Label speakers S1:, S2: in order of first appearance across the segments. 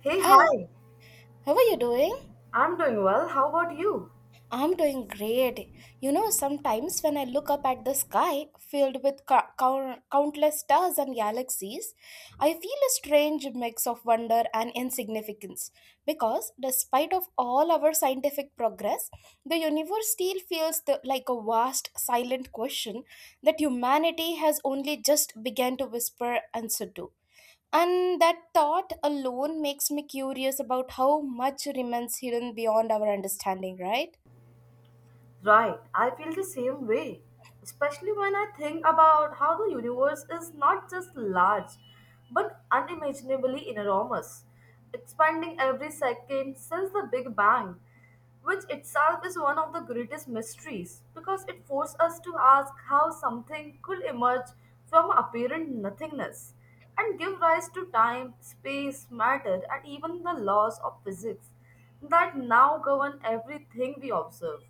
S1: Hey,
S2: Hi,
S1: hi.
S2: how are you doing?
S1: I'm doing well. How about you?
S2: I'm doing great. You know, sometimes when I look up at the sky filled with countless stars and galaxies, I feel a strange mix of wonder and insignificance because despite of all our scientific progress, the universe still feels like a vast silent question that humanity has only just began to whisper answer to. And that thought alone makes me curious about how much remains hidden beyond our understanding, right?
S1: Right, I feel the same way, especially when I think about how the universe is not just large but unimaginably enormous, expanding every second since the Big Bang, which itself is one of the greatest mysteries because it forces us to ask how something could emerge from apparent nothingness and give rise to time, space, matter, and even the laws of physics that now govern everything we observe.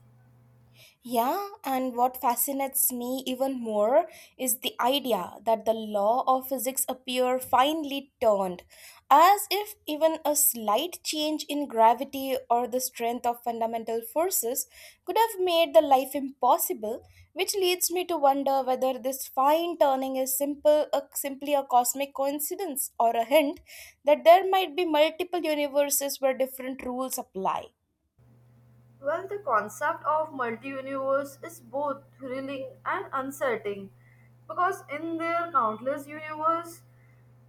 S2: Yeah, and what fascinates me even more is the idea that the law of physics appear finely turned, as if even a slight change in gravity or the strength of fundamental forces could have made the life impossible, which leads me to wonder whether this fine turning is simply a cosmic coincidence or a hint that there might be multiple universes where different rules apply.
S1: Well, the concept of multi-universe is both thrilling and unsettling because in their countless universe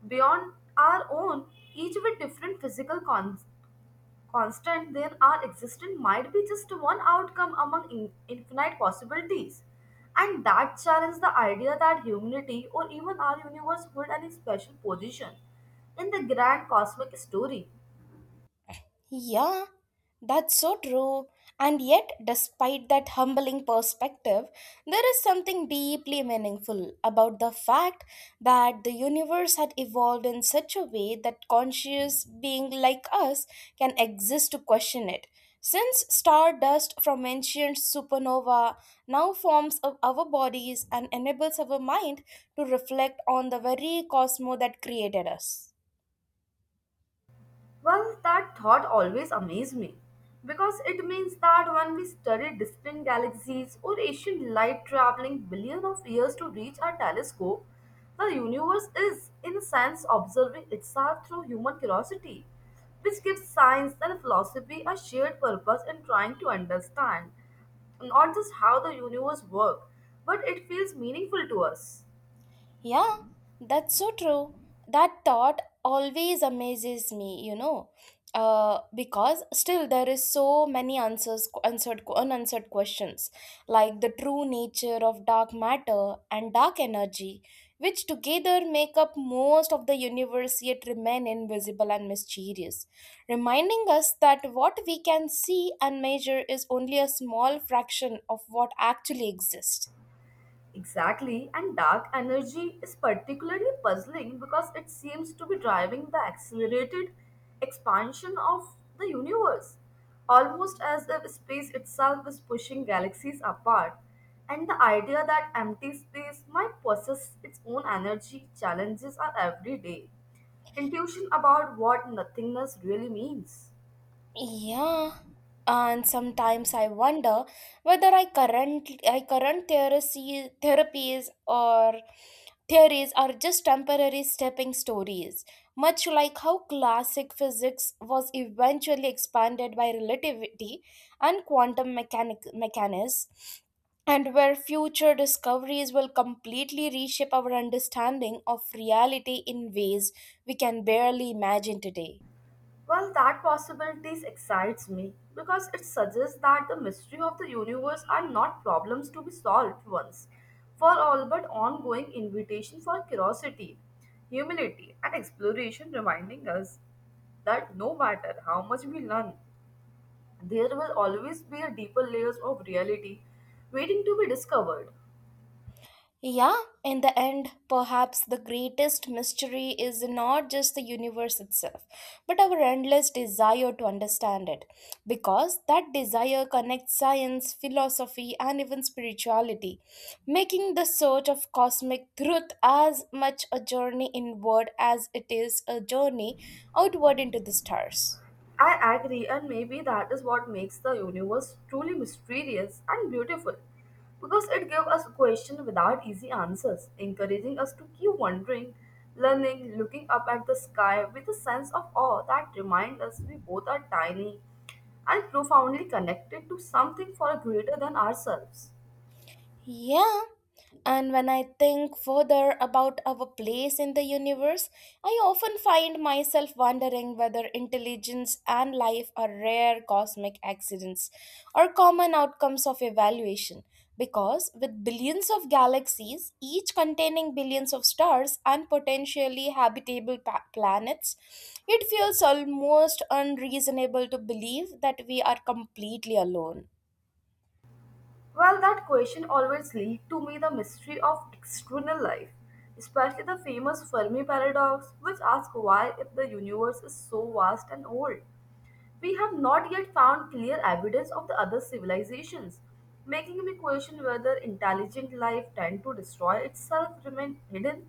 S1: beyond our own, each with different constant, then our existence might be just one outcome among infinite possibilities. And that challenges the idea that humanity or even our universe hold any special position in the grand cosmic story.
S2: Yeah, that's so true. And yet, despite that humbling perspective, there is something deeply meaningful about the fact that the universe had evolved in such a way that conscious being like us can exist to question it. Since stardust from ancient supernova now forms of our bodies and enables our mind to reflect on the very cosmos that created us.
S1: Well, that thought always amazed me because it means that when we study distant galaxies or ancient light traveling billions of years to reach our telescope, the universe is, in a sense, observing itself through human curiosity, which gives science and philosophy a shared purpose in trying to understand not just how the universe works, but it feels meaningful to us.
S2: Yeah, that's so true. That thought always amazes me, because still there is so many unanswered questions, like the true nature of dark matter and dark energy, which together make up most of the universe yet remain invisible and mysterious, reminding us that what we can see and measure is only a small fraction of what actually exists.
S1: Exactly, and dark energy is particularly puzzling because it seems to be driving the accelerated expansion of the universe, almost as if space itself is pushing galaxies apart. And the idea that empty space might possess its own energy challenges our everyday intuition about what nothingness really means.
S2: Yeah, and sometimes I wonder whether therapies or theories are just temporary stepping stories, much like how classic physics was eventually expanded by relativity and quantum mechanics, and where future discoveries will completely reshape our understanding of reality in ways we can barely imagine today.
S1: Well, that possibilities excites me because it suggests that the mystery of the universe are not problems to be solved once for all, but ongoing invitation for curiosity, humility, and exploration, reminding us that no matter how much we learn, there will always be a deeper layers of reality waiting to be discovered.
S2: Yeah, in the end, perhaps the greatest mystery is not just the universe itself, but our endless desire to understand it. Because that desire connects science, philosophy, and even spirituality, making the search of cosmic truth as much a journey inward as it is a journey outward into the stars.
S1: I agree, and maybe that is what makes the universe truly mysterious and beautiful because it gives us questions without easy answers, encouraging us to keep wondering, learning, looking up at the sky with a sense of awe that reminds us we both are tiny and profoundly connected to something far greater than ourselves.
S2: Yeah, and when I think further about our place in the universe, I often find myself wondering whether intelligence and life are rare cosmic accidents or common outcomes of evaluation. Because with billions of galaxies, each containing billions of stars and potentially habitable planets, it feels almost unreasonable to believe that we are completely alone.
S1: Well, that question always leads to me the mystery of external life, especially the famous Fermi paradox, which asks why, if the universe is so vast and old, we have not yet found clear evidence of the other civilizations, making me question whether intelligent life tend to destroy itself, remain hidden,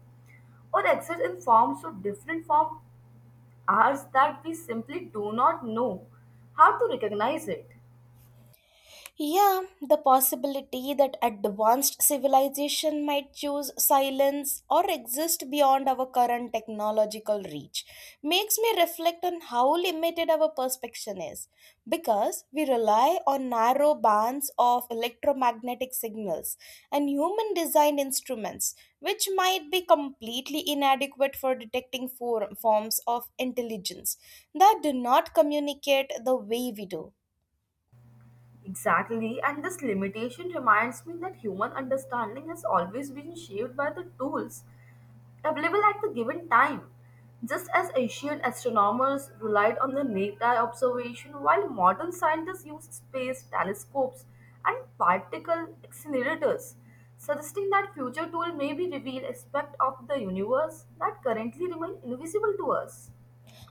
S1: or exist in forms so different from ours that we simply do not know how to recognize it.
S2: Yeah, the possibility that advanced civilization might choose silence or exist beyond our current technological reach makes me reflect on how limited our perception is because we rely on narrow bands of electromagnetic signals and human designed instruments which might be completely inadequate for detecting forms of intelligence that do not communicate the way we do.
S1: Exactly, and this limitation reminds me that human understanding has always been shaped by the tools available at the given time. Just as ancient astronomers relied on the naked-eye observation, while modern scientists use space telescopes and particle accelerators, suggesting that future tools may be reveal aspects of the universe that currently remain invisible to us.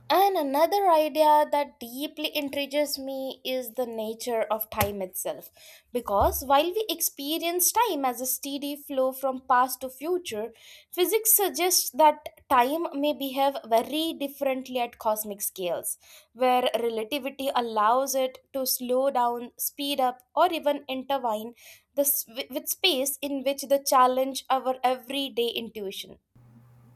S2: And another idea that deeply intrigues me is the nature of time itself. Because while we experience time as a steady flow from past to future, physics suggests that time may behave very differently at cosmic scales, where relativity allows it to slow down, speed up, or even intertwine with space in which the challenge our everyday intuition.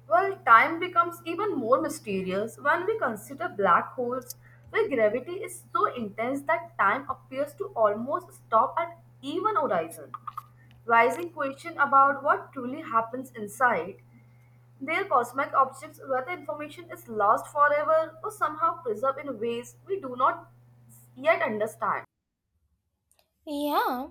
S1: Well, time becomes even more mysterious when we consider black holes, where gravity is so intense that time appears to almost stop at even horizon. Rising question about what truly happens inside their cosmic objects, whether information is lost forever or somehow preserved in ways we do not yet understand.
S2: Yeah,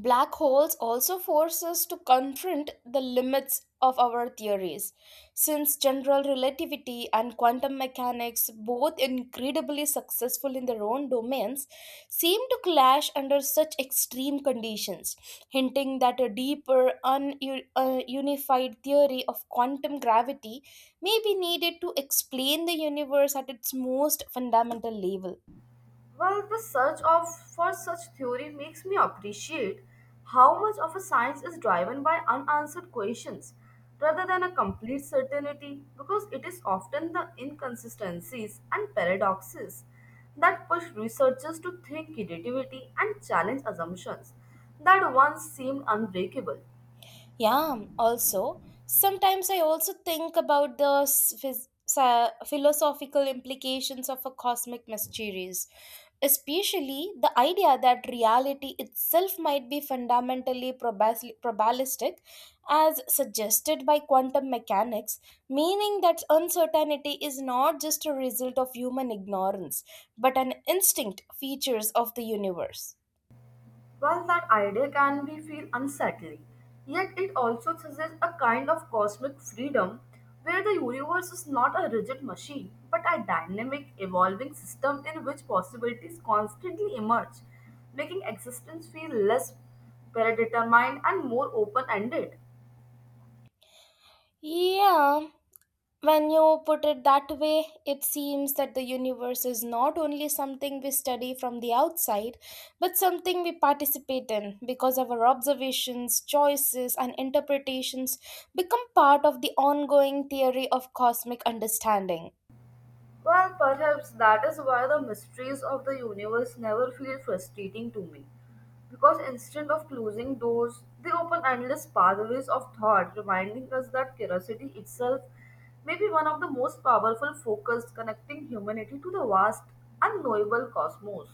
S2: Black holes also force us to confront the limits of our theories, since general relativity and quantum mechanics, both incredibly successful in their own domains, seem to clash under such extreme conditions, hinting that a deeper, ununified theory of quantum gravity may be needed to explain the universe at its most fundamental level.
S1: Well, the search of for such theory makes me appreciate how much of a science is driven by unanswered questions rather than a complete certainty because it is often the inconsistencies and paradoxes that push researchers to think creativity and challenge assumptions that once seemed unbreakable.
S2: Yeah, also, sometimes I also think about the philosophical implications of a cosmic mysteries, especially the idea that reality itself might be fundamentally probabilistic, as suggested by quantum mechanics, meaning that uncertainty is not just a result of human ignorance, but an instinct features of the universe.
S1: Well, that idea can be feel unsettling, yet it also suggests a kind of cosmic freedom where the universe is not a rigid machine, but a dynamic, evolving system in which possibilities constantly emerge, making existence feel less predetermined and more open-ended.
S2: Yeah, when you put it that way, it seems that the universe is not only something we study from the outside, but something we participate in because our observations, choices, and interpretations become part of the ongoing theory of cosmic understanding.
S1: Well, perhaps that is why the mysteries of the universe never feel frustrating to me. Because instead of closing doors, they open endless pathways of thought, reminding us that curiosity itself may be one of the most powerful focus connecting humanity to the vast, unknowable cosmos.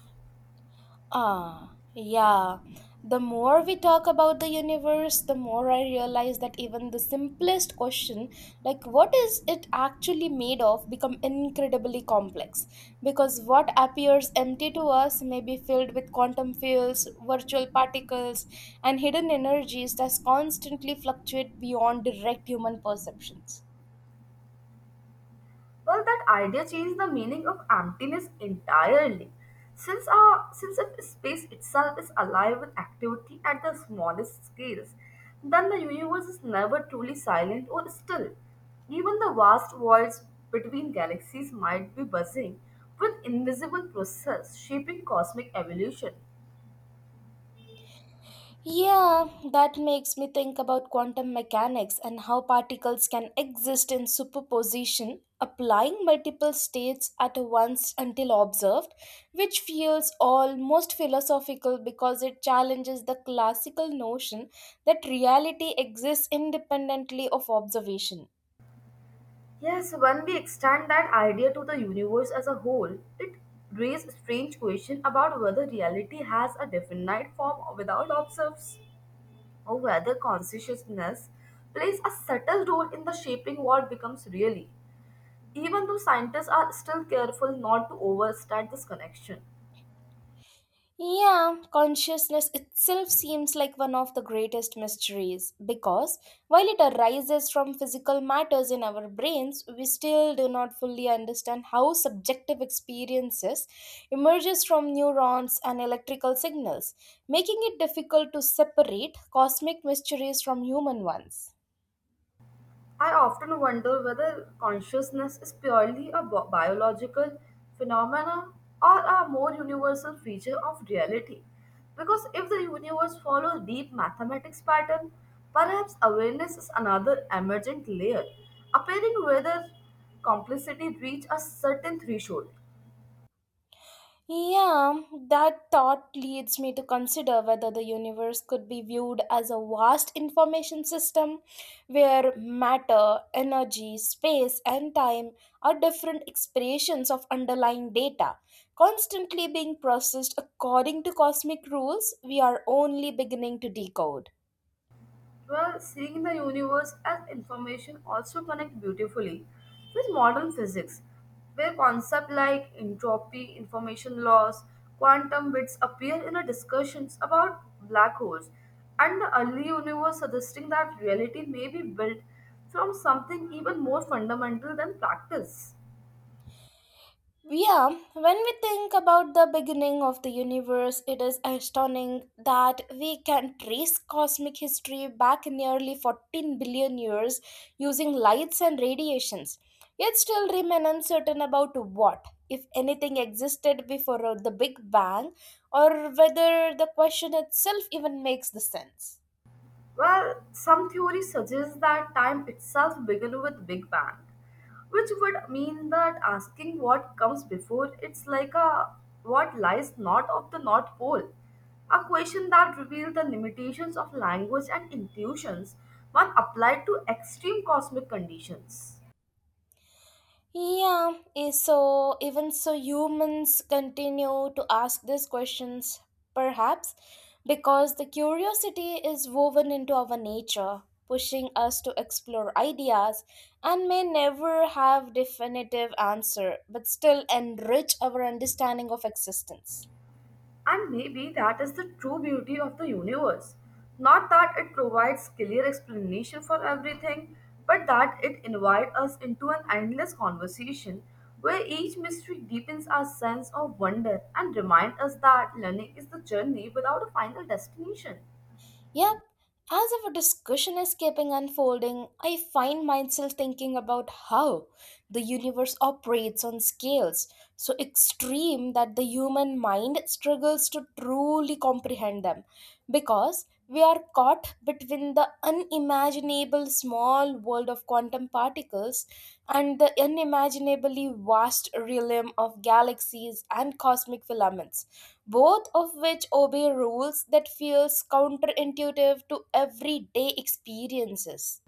S2: Ah, yeah. The more we talk about the universe, the more I realize that even the simplest question, like what is it actually made of, become incredibly complex. Because what appears empty to us may be filled with quantum fields, virtual particles, and hidden energies that constantly fluctuate beyond direct human perceptions.
S1: Well, that idea changed the meaning of emptiness entirely. Since if space itself is alive with activity at the smallest scales, then the universe is never truly silent or still. Even the vast voids between galaxies might be buzzing with invisible process shaping cosmic evolution.
S2: Yeah, that makes me think about quantum mechanics and how particles can exist in superposition, applying multiple states at once until observed, which feels almost philosophical because it challenges the classical notion that reality exists independently of observation.
S1: Yes, when we extend that idea to the universe as a whole, it raises strange question about whether reality has a definite form without observes, or whether consciousness plays a subtle role in the shaping what becomes really. Even though scientists are still careful not to overstate this connection.
S2: Yeah, consciousness itself seems like one of the greatest mysteries because while it arises from physical matters in our brains, we still do not fully understand how subjective experiences emerges from neurons and electrical signals, making it difficult to separate cosmic mysteries from human ones.
S1: I often wonder whether consciousness is purely a biological phenomenon or a more universal feature of reality. Because if the universe follows deep mathematics pattern, perhaps awareness is another emergent layer, appearing whether complicity reach a certain threshold.
S2: Yeah, that thought leads me to consider whether the universe could be viewed as a vast information system where matter, energy, space, and time are different expressions of underlying data, constantly being processed according to cosmic rules we are only beginning to decode.
S1: Well, seeing the universe as information also connect beautifully with modern physics, where concepts like entropy, information loss, quantum bits appear in our discussions about black holes, and the early universe suggesting that reality may be built from something even more fundamental than practice.
S2: Yeah, when we think about the beginning of the universe, it is astounding that we can trace cosmic history back nearly 14 billion years using lights and radiations. Yet still remain uncertain about what, if anything, existed before the Big Bang or whether the question itself even makes the sense.
S1: Well, some theories suggest that time itself began with Big Bang, which would mean that asking what comes before it's like a what lies north of the North Pole, a question that reveals the limitations of language and intuitions when applied to extreme cosmic conditions.
S2: Yeah, so even so, humans continue to ask these questions, perhaps because the curiosity is woven into our nature, pushing us to explore ideas and may never have definitive answer, but still enrich our understanding of existence.
S1: And maybe that is the true beauty of the universe. Not that it provides clear explanation for everything, but that it invites us into an endless conversation where each mystery deepens our sense of wonder and reminds us that learning is the journey without a final destination.
S2: Yep, as our discussion is keeping unfolding, I find myself thinking about how the universe operates on scales so extreme that the human mind struggles to truly comprehend them because we are caught between the unimaginable small world of quantum particles and the unimaginably vast realm of galaxies and cosmic filaments both of which obey rules that feels counterintuitive to everyday experiences.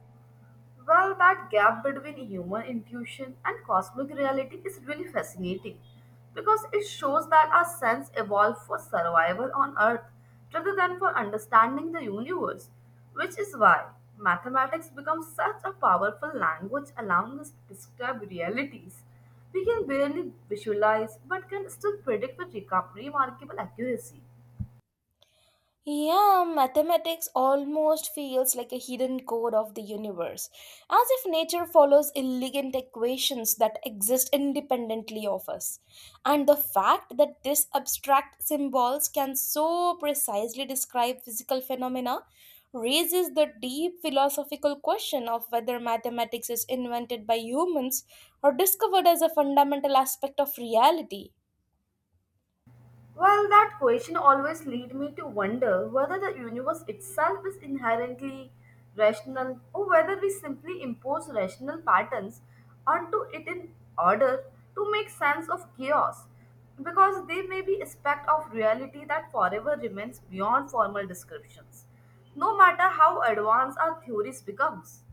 S1: Well, that gap between human intuition and cosmic reality is really fascinating because it shows that our sense evolved for survival on Earth rather than for understanding the universe, which is why mathematics becomes such a powerful language allowing us to describe realities we can barely visualize but can still predict with remarkable accuracy.
S2: Yeah, mathematics almost feels like a hidden code of the universe, as if nature follows elegant equations that exist independently of us. And the fact that these abstract symbols can so precisely describe physical phenomena raises the deep philosophical question of whether mathematics is invented by humans or discovered as a fundamental aspect of reality.
S1: Well, that question always lead me to wonder whether the universe itself is inherently rational or whether we simply impose rational patterns onto it in order to make sense of chaos because they may be aspect of reality that forever remains beyond formal descriptions no matter how advanced our theories becomes.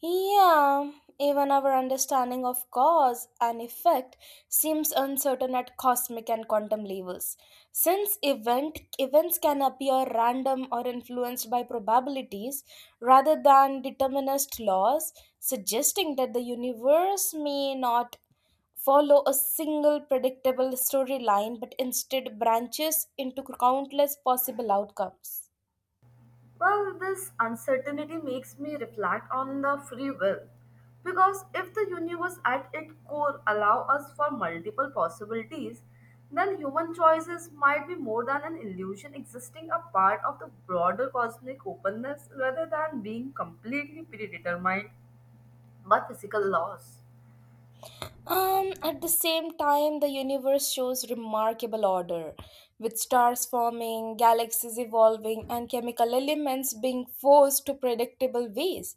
S2: Yeah, even our understanding of cause and effect seems uncertain at cosmic and quantum levels. Since events can appear random or influenced by probabilities rather than determinist laws, suggesting that the universe may not follow a single predictable storyline but instead branches into countless possible outcomes.
S1: Well, this uncertainty makes me reflect on the free will. Because if the universe at its core allow us for multiple possibilities, then human choices might be more than an illusion existing a part of the broader cosmic openness rather than being completely predetermined by physical laws.
S2: At the same time, the universe shows remarkable order, with stars forming, galaxies evolving, and chemical elements being forced to predictable ways,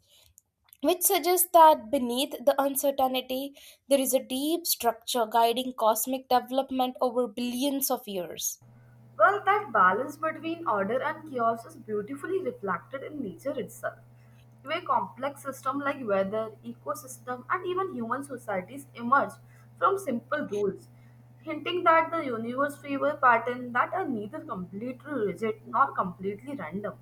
S2: which suggests that beneath the uncertainty, there is a deep structure guiding cosmic development over billions of years.
S1: Well, that balance between order and chaos is beautifully reflected in nature itself, where complex systems like weather, ecosystem, and even human societies emerge from simple rules, hinting that the universe favors patterns that are neither completely rigid nor completely random.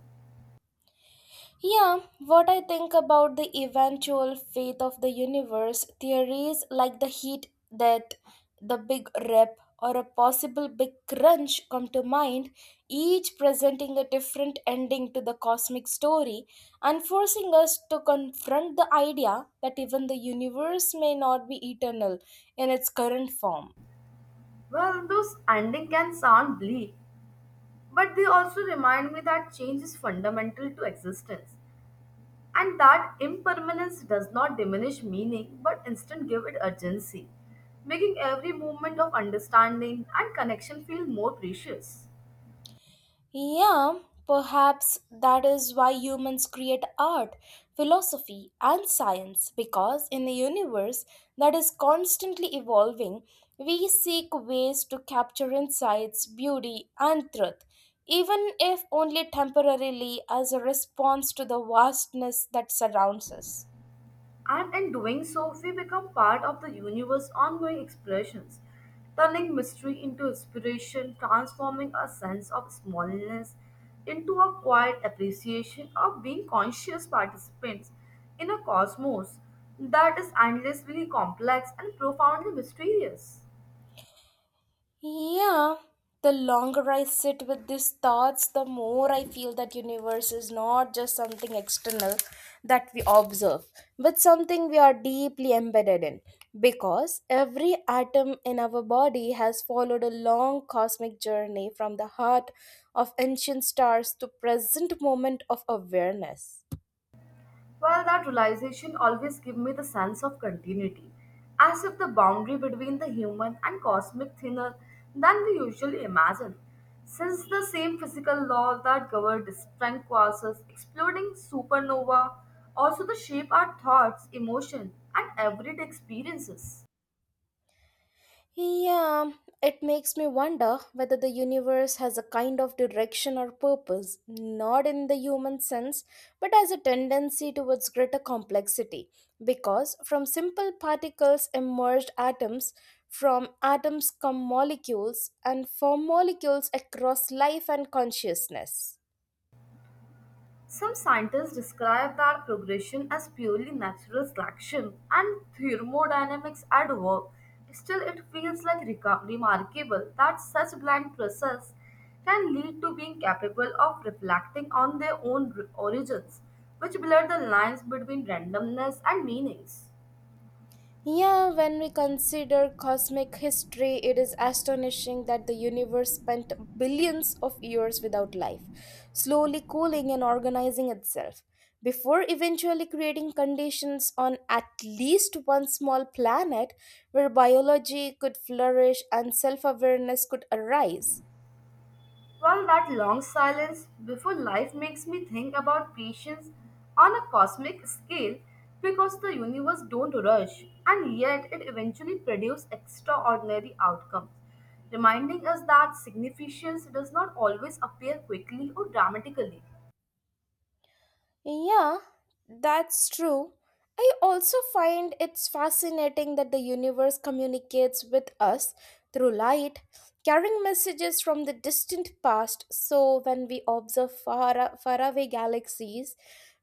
S2: Yeah, what I think about the eventual fate of the universe, theories like the heat death, the big rip, or a possible big crunch come to mind, each presenting a different ending to the cosmic story and forcing us to confront the idea that even the universe may not be eternal in its current form.
S1: Well, those endings can sound bleak, but they also remind me that change is fundamental to existence. And that impermanence does not diminish meaning but instead give it urgency, making every moment of understanding and connection feel more precious.
S2: Yeah, perhaps that is why humans create art, philosophy, and science, because in a universe that is constantly evolving, we seek ways to capture insights, beauty, and truth, even if only temporarily as a response to the vastness that surrounds us.
S1: And in doing so, we become part of the universe's ongoing expressions, turning mystery into inspiration, transforming our sense of smallness into a quiet appreciation of being conscious participants in a cosmos that is endlessly complex and profoundly mysterious.
S2: Yeah, the longer I sit with these thoughts, the more I feel that universe is not just something external that we observe, but something we are deeply embedded in. Because every atom in our body has followed a long cosmic journey from the heart of ancient stars to present moment of awareness.
S1: Well, that realization always gave me the sense of continuity, as if the boundary between the human and cosmic thinner than we usually imagine. Since the same physical law that governed distant quasars, exploding supernova, also the shape our thoughts, emotion, and everyday experiences.
S2: Yeah, it makes me wonder whether the universe has a kind of direction or purpose, not in the human sense, but as a tendency towards greater complexity. Because from simple particles emerged atoms, from atoms come molecules, and from molecules across life and consciousness.
S1: Some scientists describe that progression as purely natural selection and thermodynamics at work. Still, it feels like remarkable that such blind process can lead to being capable of reflecting on their own origins, which blur the lines between randomness and meanings.
S2: Yeah, when we consider cosmic history, it is astonishing that the universe spent billions of years without life, slowly cooling and organizing itself, before eventually creating conditions on at least one small planet where biology could flourish and self awareness could arise.
S1: Well, that long silence before life makes me think about patience on a cosmic scale because the universe don't rush and yet it eventually produces extraordinary outcomes, reminding us that significance does not always appear quickly or dramatically.
S2: Yeah, that's true. I also find it's fascinating that the universe communicates with us through light, carrying messages from the distant past. So, when we observe faraway galaxies,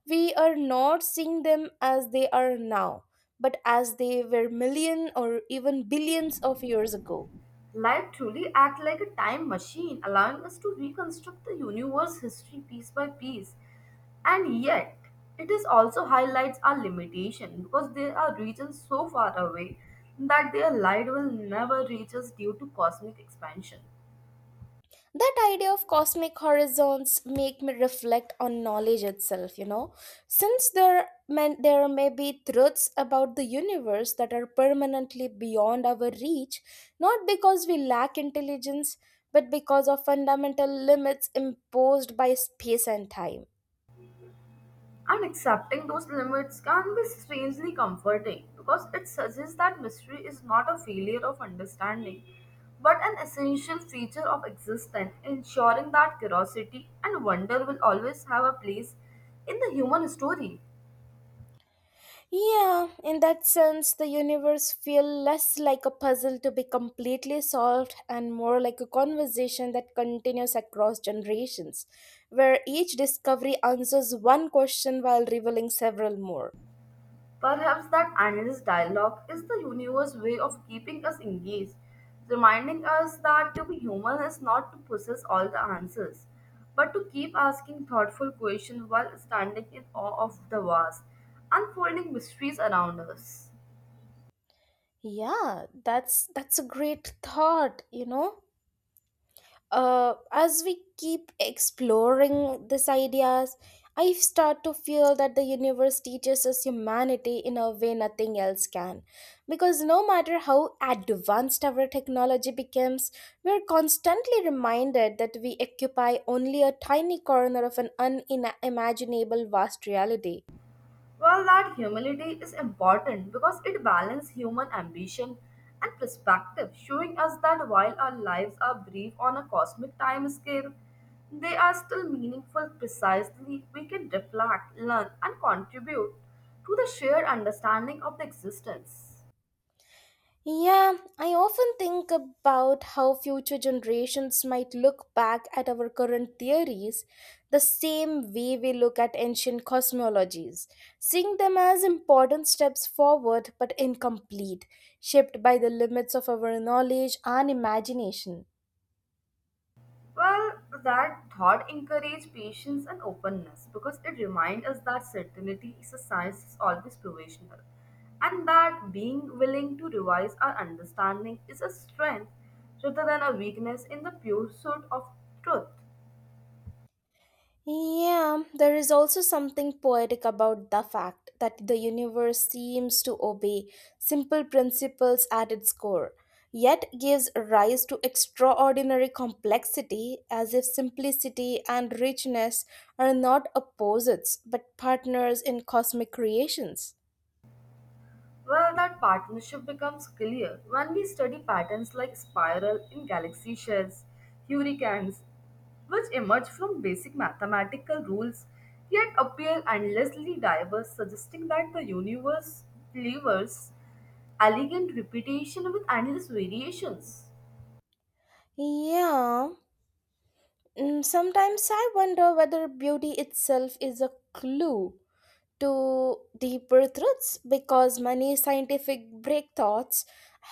S2: we are not seeing them as they are now, but as they were million or even billions of years ago.
S1: Life truly acts like a time machine, allowing us to reconstruct the universe history piece by piece. And yet, it is also highlights our limitation because there are regions so far away that their light will never reach us due to cosmic expansion.
S2: That idea of cosmic horizons make me reflect on knowledge itself, you know, since there may be truths about the universe that are permanently beyond our reach, not because we lack intelligence, but because of fundamental limits imposed by space and time.
S1: And accepting those limits can be strangely comforting because it suggests that mystery is not a failure of understanding, but an essential feature of existence, ensuring that curiosity and wonder will always have a place in the human story.
S2: Yeah, in that sense, the universe feel less like a puzzle to be completely solved and more like a conversation that continues across generations, where each discovery answers one question while revealing several more.
S1: Perhaps that endless dialogue is the universe's way of keeping us engaged, reminding us that to be human is not to possess all the answers, but to keep asking thoughtful questions while standing in awe of the vast, unfolding mysteries around us.
S2: Yeah, that's a great thought, As we keep exploring these ideas, I start to feel that the universe teaches us humanity in a way nothing else can. Because no matter how advanced our technology becomes, we're constantly reminded that we occupy only a tiny corner of an unimaginable vast reality.
S1: Well, that humility is important because it balances human ambition and perspective, showing us that while our lives are brief on a cosmic time scale, they are still meaningful precisely. We can reflect, learn, and contribute to the shared understanding of the existence.
S2: Yeah, I often think about how future generations might look back at our current theories the same way we look at ancient cosmologies, seeing them as important steps forward but incomplete, shaped by the limits of our knowledge and imagination.
S1: Well, that thought encouraged patience and openness because it reminds us that certainty is a science is always provisional, and that being willing to revise our understanding is a strength rather than a weakness in the pursuit of truth.
S2: Yeah, there is also something poetic about the fact that the universe seems to obey simple principles at its core, yet gives rise to extraordinary complexity, as if simplicity and richness are not opposites but partners in cosmic creations.
S1: Well, that partnership becomes clear when we study patterns like spiral in galaxy shells, hurricanes, which emerge from basic mathematical rules yet appear endlessly diverse, suggesting that the universe delivers elegant repetition with endless variations.
S2: Yeah. Mm, sometimes I wonder whether beauty itself is a clue to deeper truths, because many scientific breakthroughs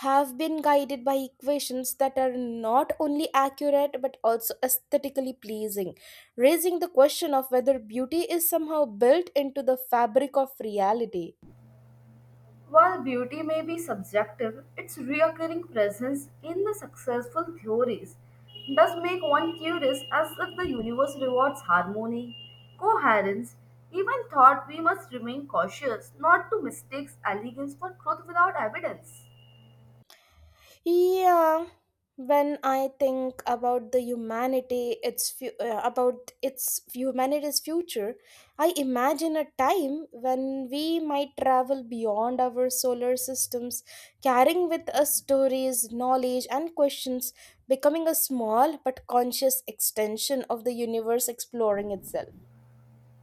S2: have been guided by equations that are not only accurate but also aesthetically pleasing, raising the question of whether beauty is somehow built into the fabric of reality.
S1: While beauty may be subjective, its reoccurring presence in the successful theories does make one curious as if the universe rewards harmony, coherence, even thought we must remain cautious not to mistake elegance for truth without evidence.
S2: Yeah, when I think about the humanity, about its humanity's future, I imagine a time when we might travel beyond our solar systems, carrying with us stories, knowledge, and questions, becoming a small but conscious extension of the universe exploring itself.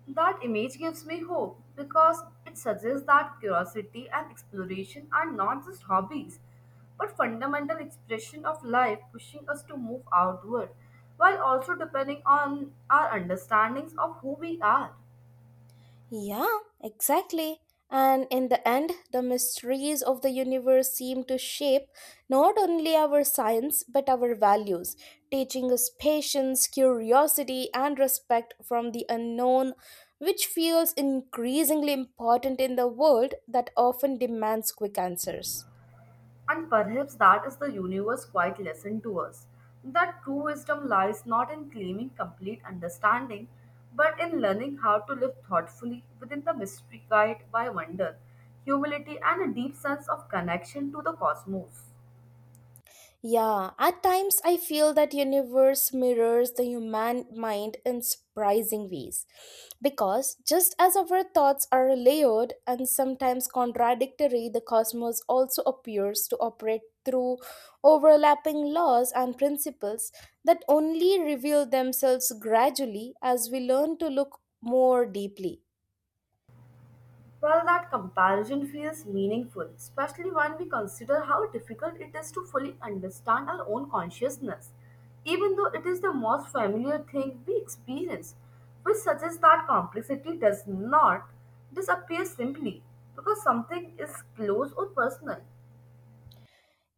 S1: That image gives me hope because it suggests that curiosity and exploration are not just hobbies but fundamental expression of life pushing us to move outward while also depending on our understandings of who we are.
S2: Yeah, exactly. And in the end, the mysteries of the universe seem to shape not only our science but our values, teaching us patience, curiosity, and respect from the unknown, which feels increasingly important in the world that often demands quick answers.
S1: And perhaps that is the universe quite lesson to us that true wisdom lies not in claiming complete understanding, but in learning how to live thoughtfully within the mystery guided by wonder, humility, and a deep sense of connection to the cosmos.
S2: Yeah, at times I feel that universe mirrors the human mind in surprising ways, because just as our thoughts are layered and sometimes contradictory, the cosmos also appears to operate through overlapping laws and principles that only reveal themselves gradually as we learn to look more deeply.
S1: Well, that comparison feels meaningful, especially when we consider how difficult it is to fully understand our own consciousness. Even though it is the most familiar thing we experience, which suggests that complexity does not disappear simply because something is close or personal.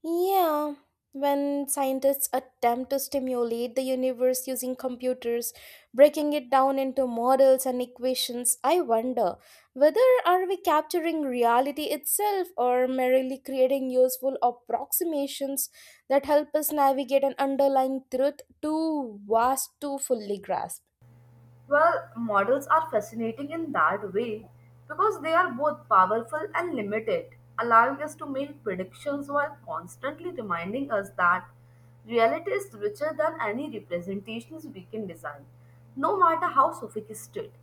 S2: Yeah, when scientists attempt to stimulate the universe using computers, breaking it down into models and equations, I wonder whether are we capturing reality itself or merely creating useful approximations that help us navigate an underlying truth too vast to fully grasp.
S1: Well, models are fascinating in that way because they are both powerful and limited, allowing us to make predictions while constantly reminding us that reality is richer than any representations we can design, no matter how sophisticated.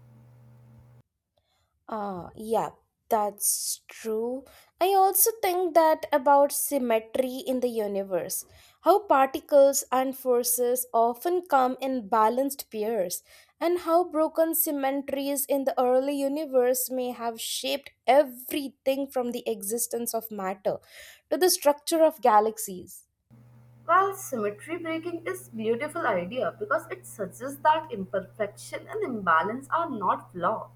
S2: Yeah, that's true. I also think that about symmetry in the universe, how particles and forces often come in balanced pairs, and how broken symmetries in the early universe may have shaped everything from the existence of matter to the structure of galaxies.
S1: Well, symmetry breaking is beautiful idea because it suggests that imperfection and imbalance are not flaw,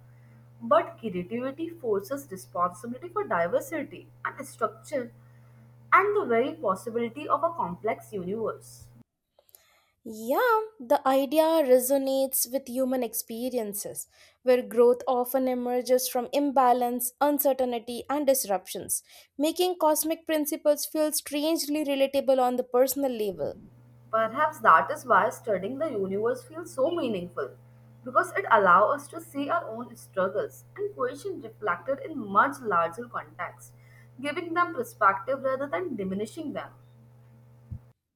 S1: but creativity forces responsibility for diversity and structure and the very possibility of a complex universe.
S2: Yeah, the idea resonates with human experiences, where growth often emerges from imbalance, uncertainty, and disruptions, making cosmic principles feel strangely relatable on the personal level.
S1: Perhaps that is why studying the universe feels so meaningful, because it allows us to see our own struggles and questions reflected in much larger context, giving them perspective rather than diminishing them.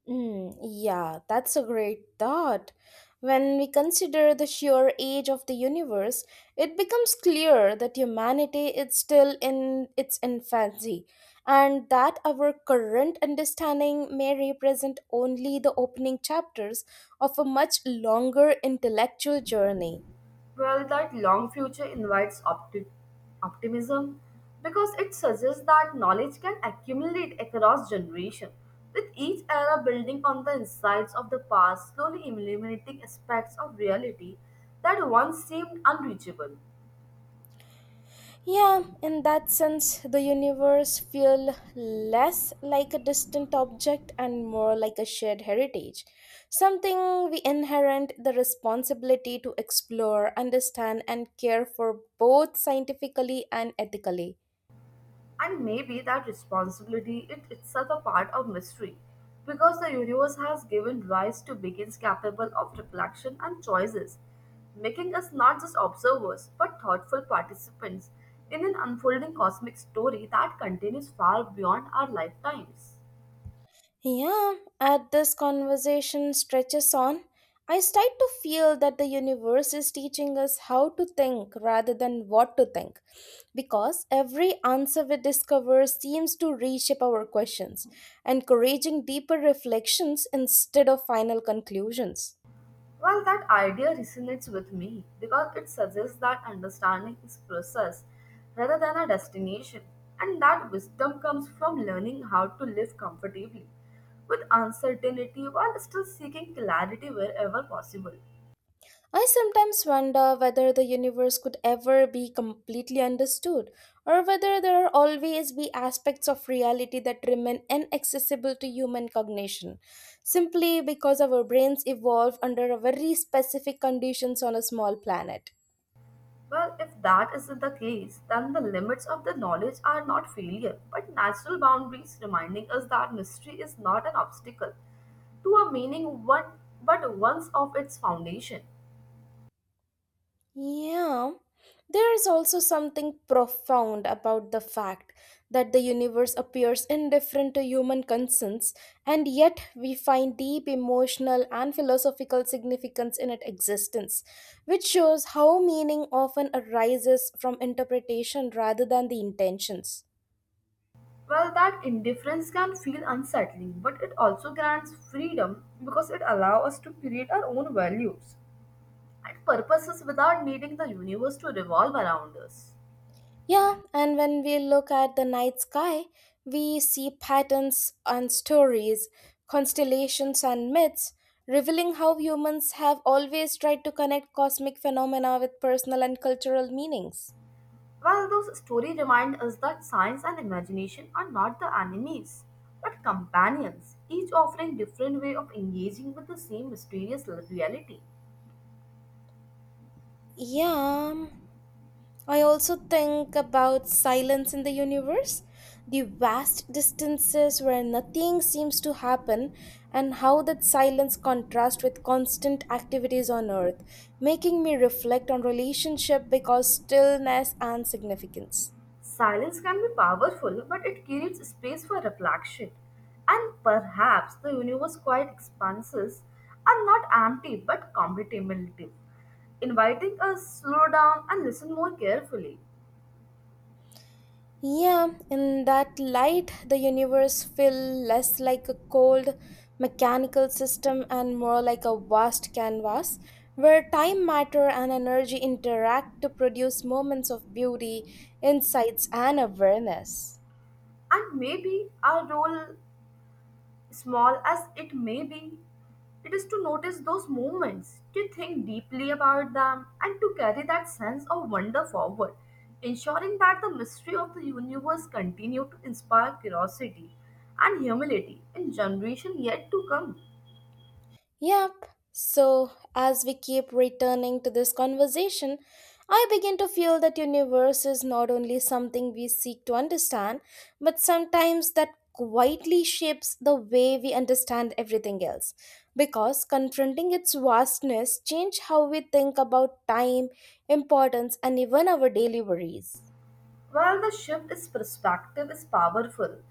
S2: Mm, yeah, that's a great thought. When we consider the sheer age of the universe, it becomes clear that humanity is still in its infancy, and that our current understanding may represent only the opening chapters of a much longer intellectual journey.
S1: Well, that long future invites optimism because it suggests that knowledge can accumulate across generations, with each era building on the insights of the past, slowly eliminating aspects of reality that once seemed unreachable.
S2: Yeah, in that sense, the universe feels less like a distant object and more like a shared heritage, something we inherit. The responsibility to explore, understand, and care for, both scientifically and ethically.
S1: And maybe that responsibility is itself a part of mystery, because the universe has given rise to beings capable of reflection and choices, making us not just observers but thoughtful participants in an unfolding cosmic story that continues far beyond our lifetimes.
S2: Yeah, as this conversation stretches on, I start to feel that the universe is teaching us how to think rather than what to think, because every answer we discover seems to reshape our questions, encouraging deeper reflections instead of final conclusions.
S1: Well, that idea resonates with me because it suggests that understanding is process rather than a destination, and that wisdom comes from learning how to live comfortably with uncertainty while still seeking clarity wherever possible.
S2: I sometimes wonder whether the universe could ever be completely understood, or whether there are always be aspects of reality that remain inaccessible to human cognition, simply because our brains evolve under a very specific conditions on a small planet.
S1: Well, if that isn't the case, then the limits of the knowledge are not failure, but natural boundaries reminding us that mystery is not an obstacle to a meaning one but once of its foundation.
S2: Yeah, there is also something profound about the fact that the universe appears indifferent to human concerns, and yet we find deep emotional and philosophical significance in its existence, which shows how meaning often arises from interpretation rather than the intentions.
S1: Well, that indifference can feel unsettling, but it also grants freedom because it allows us to create our own values and purposes without needing the universe to revolve around us.
S2: Yeah, and when we look at the night sky, we see patterns and stories, constellations and myths, revealing how humans have always tried to connect cosmic phenomena with personal and cultural meanings.
S1: Well, those stories remind us that science and imagination are not the enemies, but companions, each offering different way of engaging with the same mysterious reality.
S2: Yeah, um, I also think about silence in the universe, the vast distances where nothing seems to happen, and how that silence contrasts with constant activities on Earth, making me reflect on relationship because stillness and significance.
S1: Silence can be powerful, but it creates space for reflection. And perhaps the universe quiet expanses are not empty but contemplative, inviting us to slow down and listen more carefully.
S2: Yeah, in that light, the universe feels less like a cold mechanical system and more like a vast canvas where time, matter, and energy interact to produce moments of beauty, insights, and awareness.
S1: And maybe our role, small as it may be, it is to notice those moments, to think deeply about them, and to carry that sense of wonder forward, ensuring that the mystery of the universe continue to inspire curiosity and humility in generation yet to come.
S2: Yep. So, as we keep returning to this conversation, I begin to feel that universe is not only something we seek to understand, but sometimes that quietly shapes the way we understand everything else. Because confronting its vastness change how we think about time, importance, and even our daily worries.
S1: Well, the shift is perspective is powerful,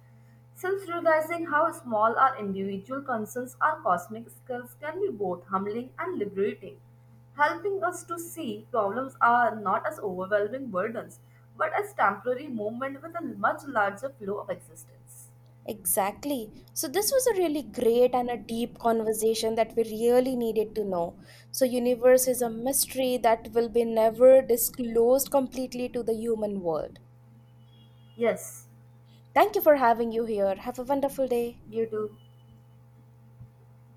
S1: since realizing how small our individual concerns are cosmic skills can be both humbling and liberating, helping us to see problems are not as overwhelming burdens, but as temporary movement with a much larger flow of existence.
S2: Exactly. So, this was a really great and a deep conversation that we really needed to know. So, universe is a mystery that will be never disclosed completely to the human world.
S1: Yes,
S2: Thank you for having you here. Have a wonderful day.
S1: you do.